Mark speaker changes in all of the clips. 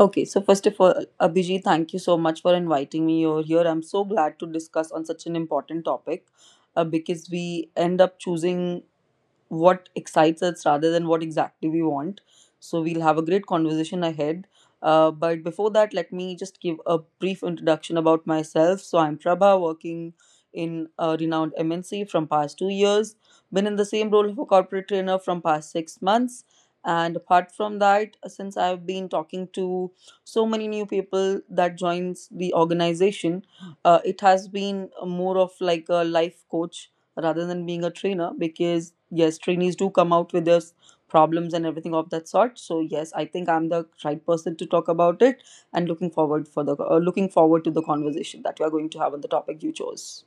Speaker 1: Okay, so first of all, Abhijit, thank you so much for inviting me over here. I'm so glad to discuss on such an important topic because we end up choosing what excites us rather than what exactly we want. So we'll have a great conversation ahead. But before that, let me just give a brief introduction about myself. So I'm Prabha, working in a renowned MNC from past 2 years. Been in the same role of a corporate trainer from past 6 months. And apart from that, since I've been talking to so many new people that joins the organization, it has been more of like a life coach rather than being a trainer because yes, trainees do come out with their problems and everything of that sort. So yes, I think I'm the right person to talk about it and looking forward for the looking forward to the conversation that we are going to have on the topic you chose.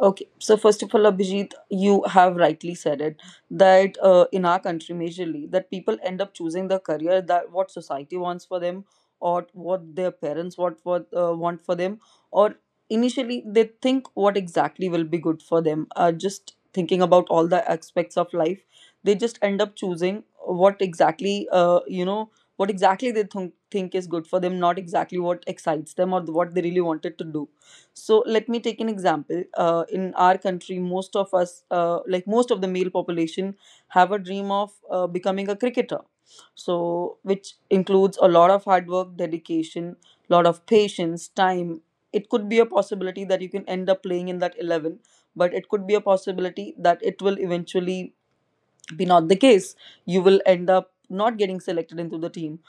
Speaker 1: Okay, so first of all, Abhijit, you have rightly said it that in our country, majorly, that people end up choosing the career that what society wants for them, or what their parents want for want for them, or initially they think what exactly will be good for them. Just thinking about all the aspects of life, they just end up choosing what exactly what exactly they think is good for them, not exactly what excites them or what they really wanted to do. So let me take an example. In our country, most of us, like most of the male population, have a dream of becoming a cricketer. So, which includes a lot of hard work, dedication, lot of patience, time. It could be a possibility that you can end up playing in that 11, but it could be a possibility that it will eventually be not the case. You will end up not getting selected into the team.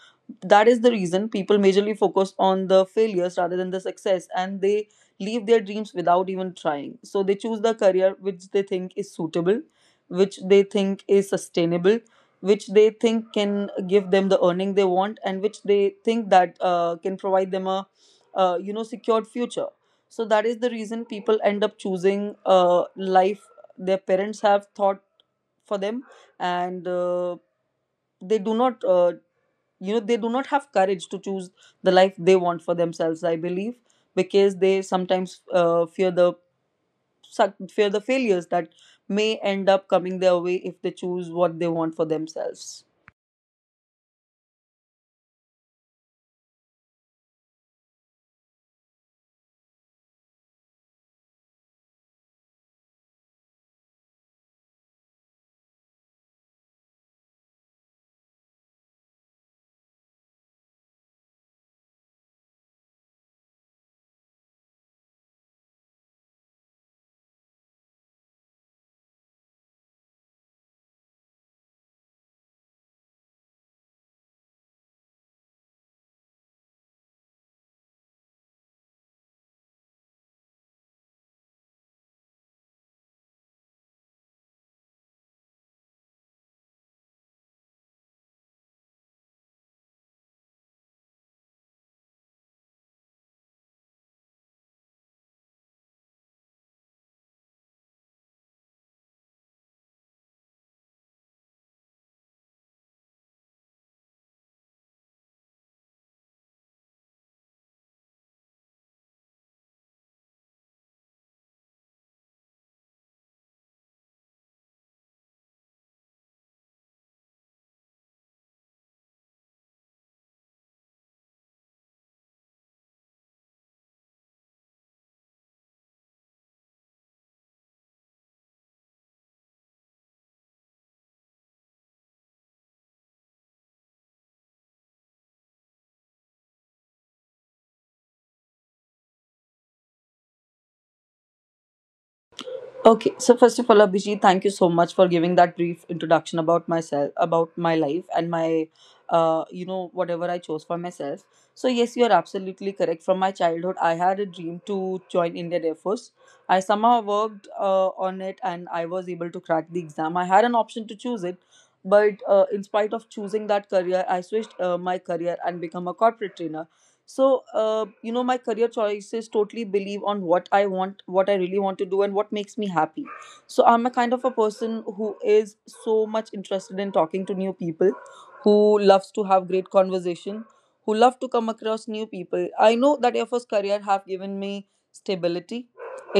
Speaker 1: That is the reason people majorly focus on the failures rather than the success, and they leave their dreams without even trying. So they choose the career which they think is suitable, which they think is sustainable, which they think can give them the earning they want, and which they think that can provide them a secured future. So that is the reason people end up choosing life their parents have thought for them, and they do not they do not have courage to choose the life they want for themselves, I believe, because they sometimes fear the fear the failures that may end up coming their way if they choose what they want for themselves. Okay, so first of all, Abhijit, thank you so much for giving that brief introduction about myself, about my life, and my, whatever I chose for myself. So yes, you are absolutely correct. From my childhood, I had a dream to join Indian Air Force. I somehow worked on it, and I was able to crack the exam. I had an option to choose it, but in spite of choosing that career, I switched my career and become a corporate trainer. So my career choices totally believe on what I want, what I really want to do and what makes me happy. So I'm a kind of a person who is so much interested in talking to new people, who loves to have great conversation, who love to come across new people. I know that air force career have given me stability.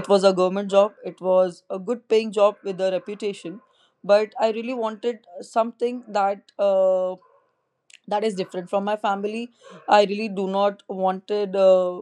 Speaker 1: It was a government job, it was a good paying job with a reputation, but I really wanted something that that is different from my family. I really do not wanted uh,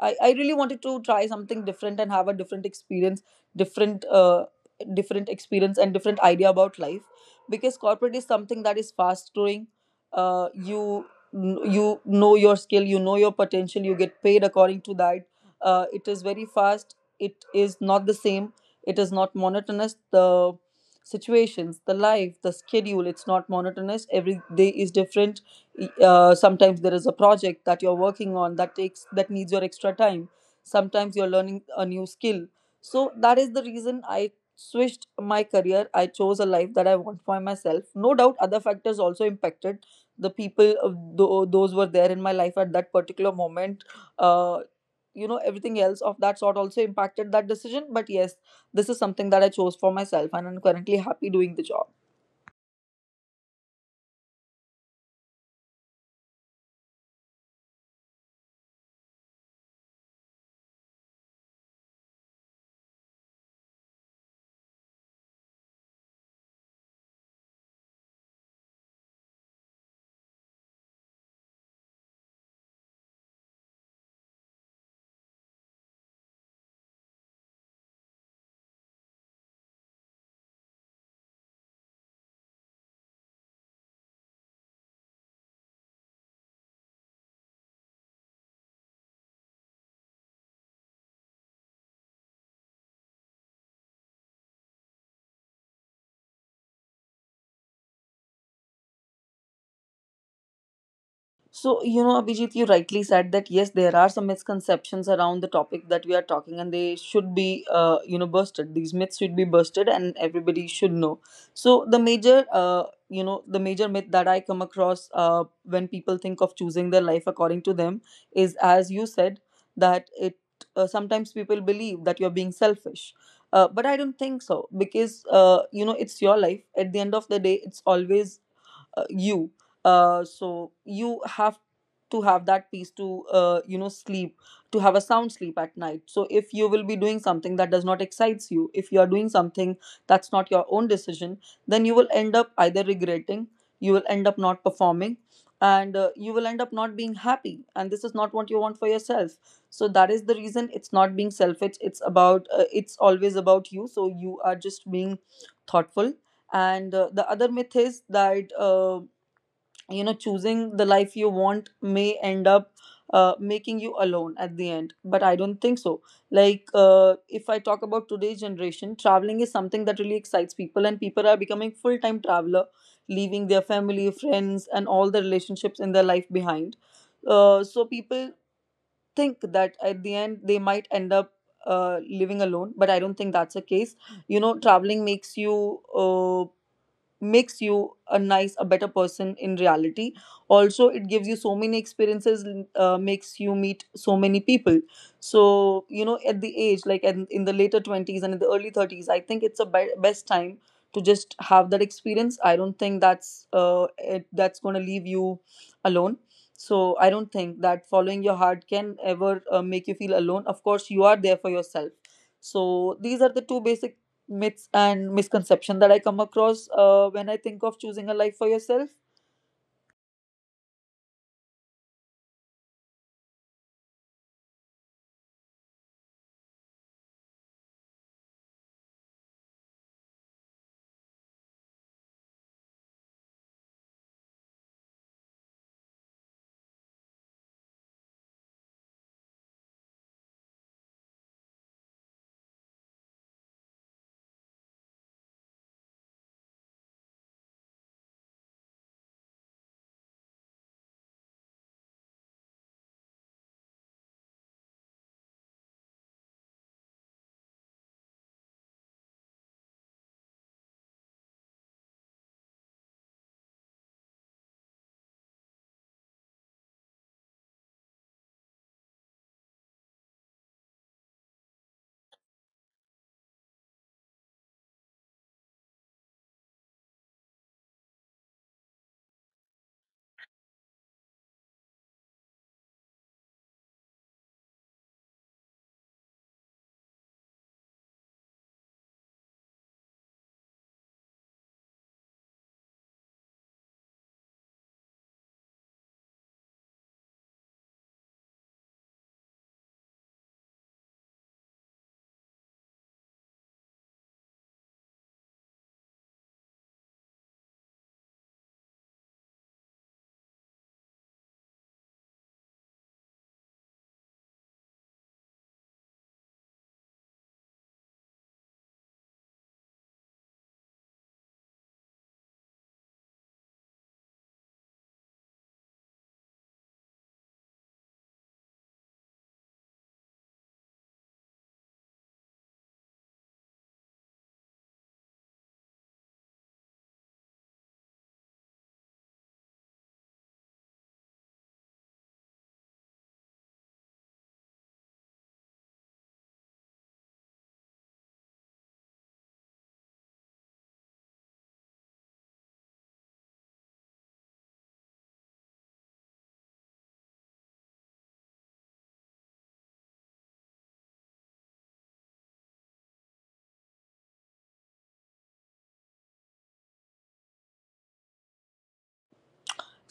Speaker 1: I, I really wanted to try something different and have a different experience, different different experience and different idea about life, because corporate is something that is fast growing. Uh, you you know your skill, you know your potential, you get paid according to that. It is very fast, it is not the same, it is not monotonous. The situations, the life, the schedule, it's not monotonous. Every day is different. Sometimes there is a project that you're working on that needs your extra time, sometimes you're learning a new skill. So that is the reason I switched my career. I chose a life that I want for myself. No doubt other factors also impacted the people, those were there in my life at that particular moment. uh, everything else of that sort also impacted that decision, but yes, this is something that I chose for myself and I'm currently happy doing the job. So, you know, Abhijit, you rightly said that yes, there are some misconceptions around the topic that we are talking, and they should be, busted. These myths should be busted, and everybody should know. So, the major, the major myth that I come across when people think of choosing their life according to them is, as you said, that it sometimes people believe that you're being selfish. But I don't think so because, it's your life. At the end of the day, it's always you, so you have to have that peace to sleep, to have a sound sleep at night. So if you will be doing something that does not excites you, if you are doing something that's not your own decision, then you will end up either regretting, you will end up not performing, and you will end up not being happy, and this is not what you want for yourself. So that is the reason it's not being selfish, it's about it's always about you. So you are just being thoughtful, and the other myth is that choosing the life you want may end up making you alone at the end. But I don't think so. Like if I talk about today's generation, traveling is something that really excites people, and people are becoming full time traveler, leaving their family, friends and all the relationships in their life behind. So people think that at the end they might end up living alone, but I don't think that's the case. You know, traveling makes you a nice, a better person in reality also. It gives you so many experiences, makes you meet so many people. So you know, at the age like in the later 20s and in the early 30s, I think it's a best time to just have that experience. I don't think that's that's going to leave you alone. So I don't think that following your heart can ever make you feel alone. Of course, you are there for yourself. So these are the two basic myths and misconception that I come across when I think of choosing a life for yourself.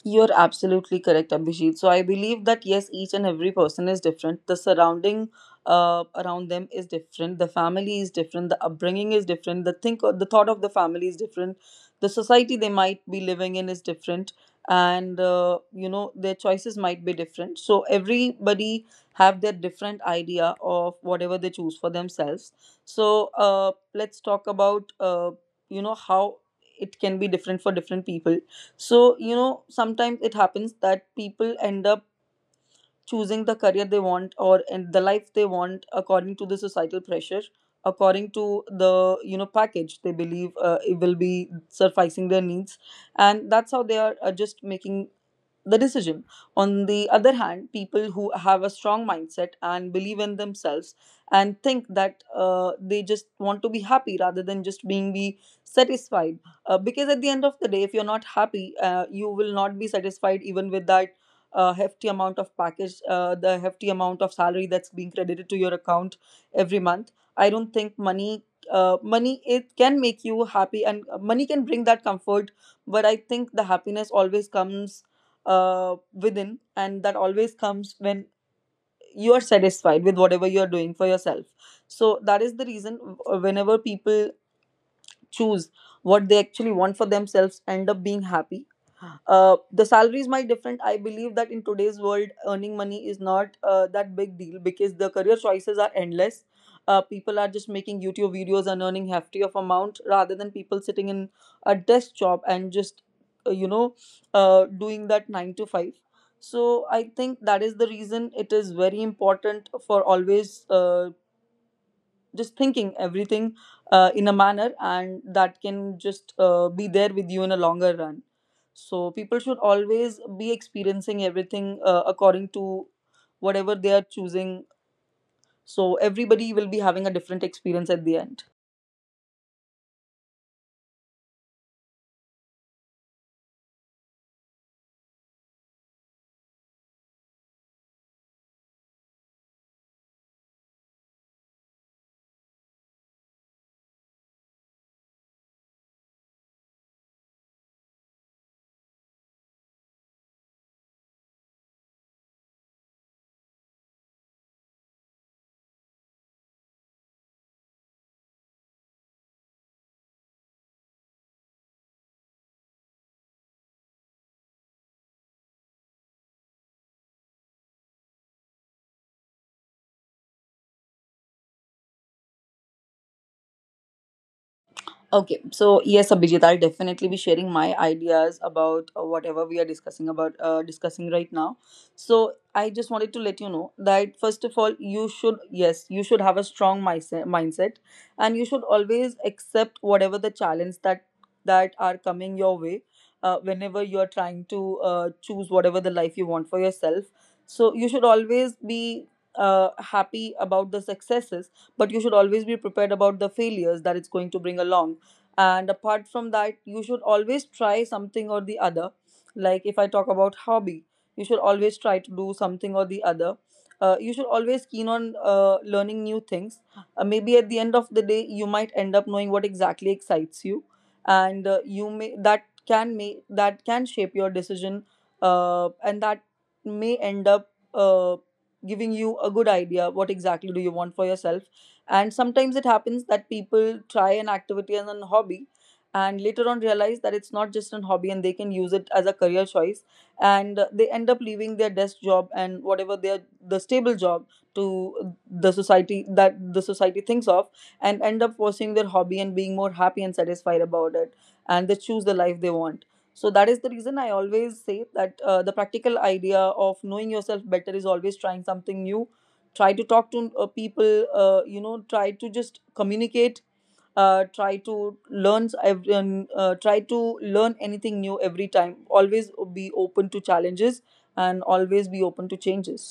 Speaker 1: You're absolutely correct, Abhijit. So I believe that yes, each and every person is different. The surrounding around them is different. The family is different. The upbringing is different. The thought of the family is different. The society they might be living in is different, and their choices might be different. So everybody have their different idea of whatever they choose for themselves. So let's talk about how it can be different for different people. So, you know, sometimes it happens that people end up choosing the career they want or and the life they want according to the societal pressure, according to the, you know, package they believe it will be sufficing their needs. And that's how they are just making the decision. On the other hand, people who have a strong mindset and believe in themselves and think that they just want to be happy rather than just being be satisfied. Because at the end of the day, if you're not happy, you will not be satisfied even with that hefty amount of package, the hefty amount of salary that's being credited to your account every month. I don't think money. Money it can make you happy and money can bring that comfort, but I think the happiness always comes within, and that always comes when you are satisfied with whatever you are doing for yourself. So that is the reason whenever people choose what they actually want for themselves end up being happy. The salaries might different. I believe that in today's world earning money is not that big deal because the career choices are endless. People are just making youtube videos and earning hefty of amount rather than people sitting in a desk job and just uh, you know doing that 9 to 5. So I think that is the reason it is very important for always just thinking everything in a manner, and that can just be there with you in a longer run. So people should always be experiencing everything according to whatever they are choosing, so everybody will be having a different experience at the end. Okay, so yes, Abhijit, I'll definitely be sharing my ideas about whatever we are discussing about, discussing right now. So I just wanted to let you know that, first of all, you should, yes, you should have a strong mindset, and you should always accept whatever the challenge that are coming your way. Whenever you're trying to choose whatever the life you want for yourself, so you should always be happy about the successes, but you should always be prepared about the failures that it's going to bring along. And apart from that, you should always try something or the other. Like if I talk about hobby, you should always try to do something or the other. You should always keen on learning new things. Maybe at the end of the day you might end up knowing what exactly excites you, and you may that can shape your decision, and that may end up giving you a good idea what exactly do you want for yourself. And sometimes it happens that people try an activity as a hobby and later on realize that it's not just a hobby and they can use it as a career choice, and they end up leaving their desk job and whatever their the stable job to the society that the society thinks of, and end up pursuing their hobby and being more happy and satisfied about it, and they choose the life they want. So that is the reason I always say that the practical idea of knowing yourself better is always trying something new. Try to talk to people. You know, try to just communicate, try to try to learn anything new every time. Always be open to challenges and always be open to changes.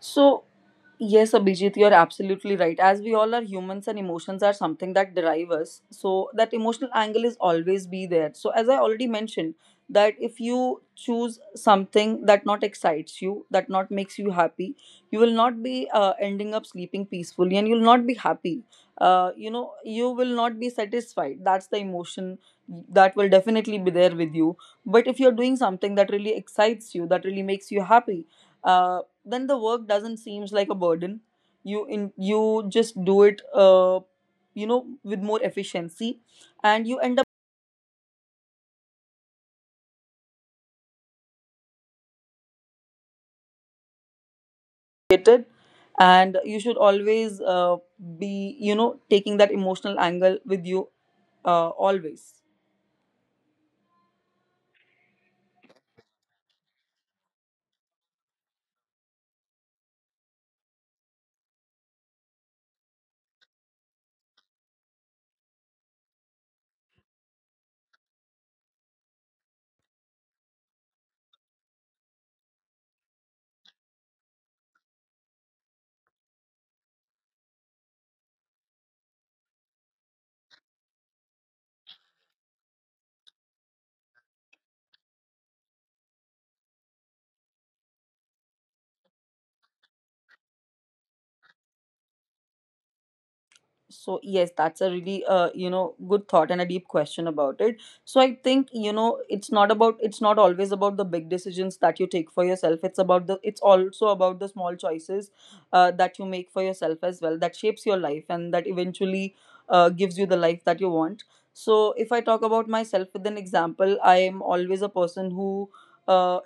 Speaker 1: So, yes, Abhijit, you're absolutely right. As we all are humans and emotions are something that derive us, so that emotional angle is always be there. So, as I already mentioned, that if you choose something that not excites you, that not makes you happy, you will not be ending up sleeping peacefully and you'll not be happy. You will not be satisfied. That's the emotion that will definitely be there with you. But if you're doing something that really excites you, that really makes you happy, uh, then the work doesn't seems like a burden. You in you just do it, you know, with more efficiency and you end up
Speaker 2: It and you should always be taking that emotional angle with you always. So yes, that's a really good thought and a deep question about it. So I think it's not about it's not always about the big decisions that you take for yourself. It's about the it's also about the small choices that you make for yourself as well that shapes your life and that eventually gives you the life that you want. So if I talk about myself with an example, I am always a person who uh,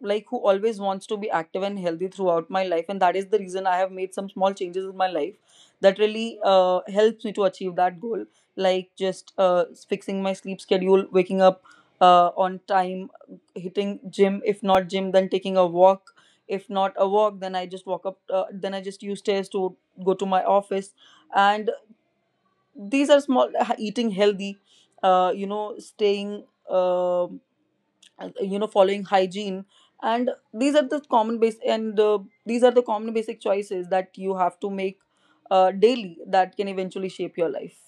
Speaker 2: always wants to be active and healthy throughout my life, and that is the reason I have made some small changes in my life that really helps me to achieve that goal, like just fixing my sleep schedule, waking up on time, hitting gym, if not gym then taking a walk, if not a walk then I just walk up then I just use stairs to go to my office, and these are small, eating healthy, staying um following hygiene, and these are the common basic choices that you have to make daily that can eventually shape your life.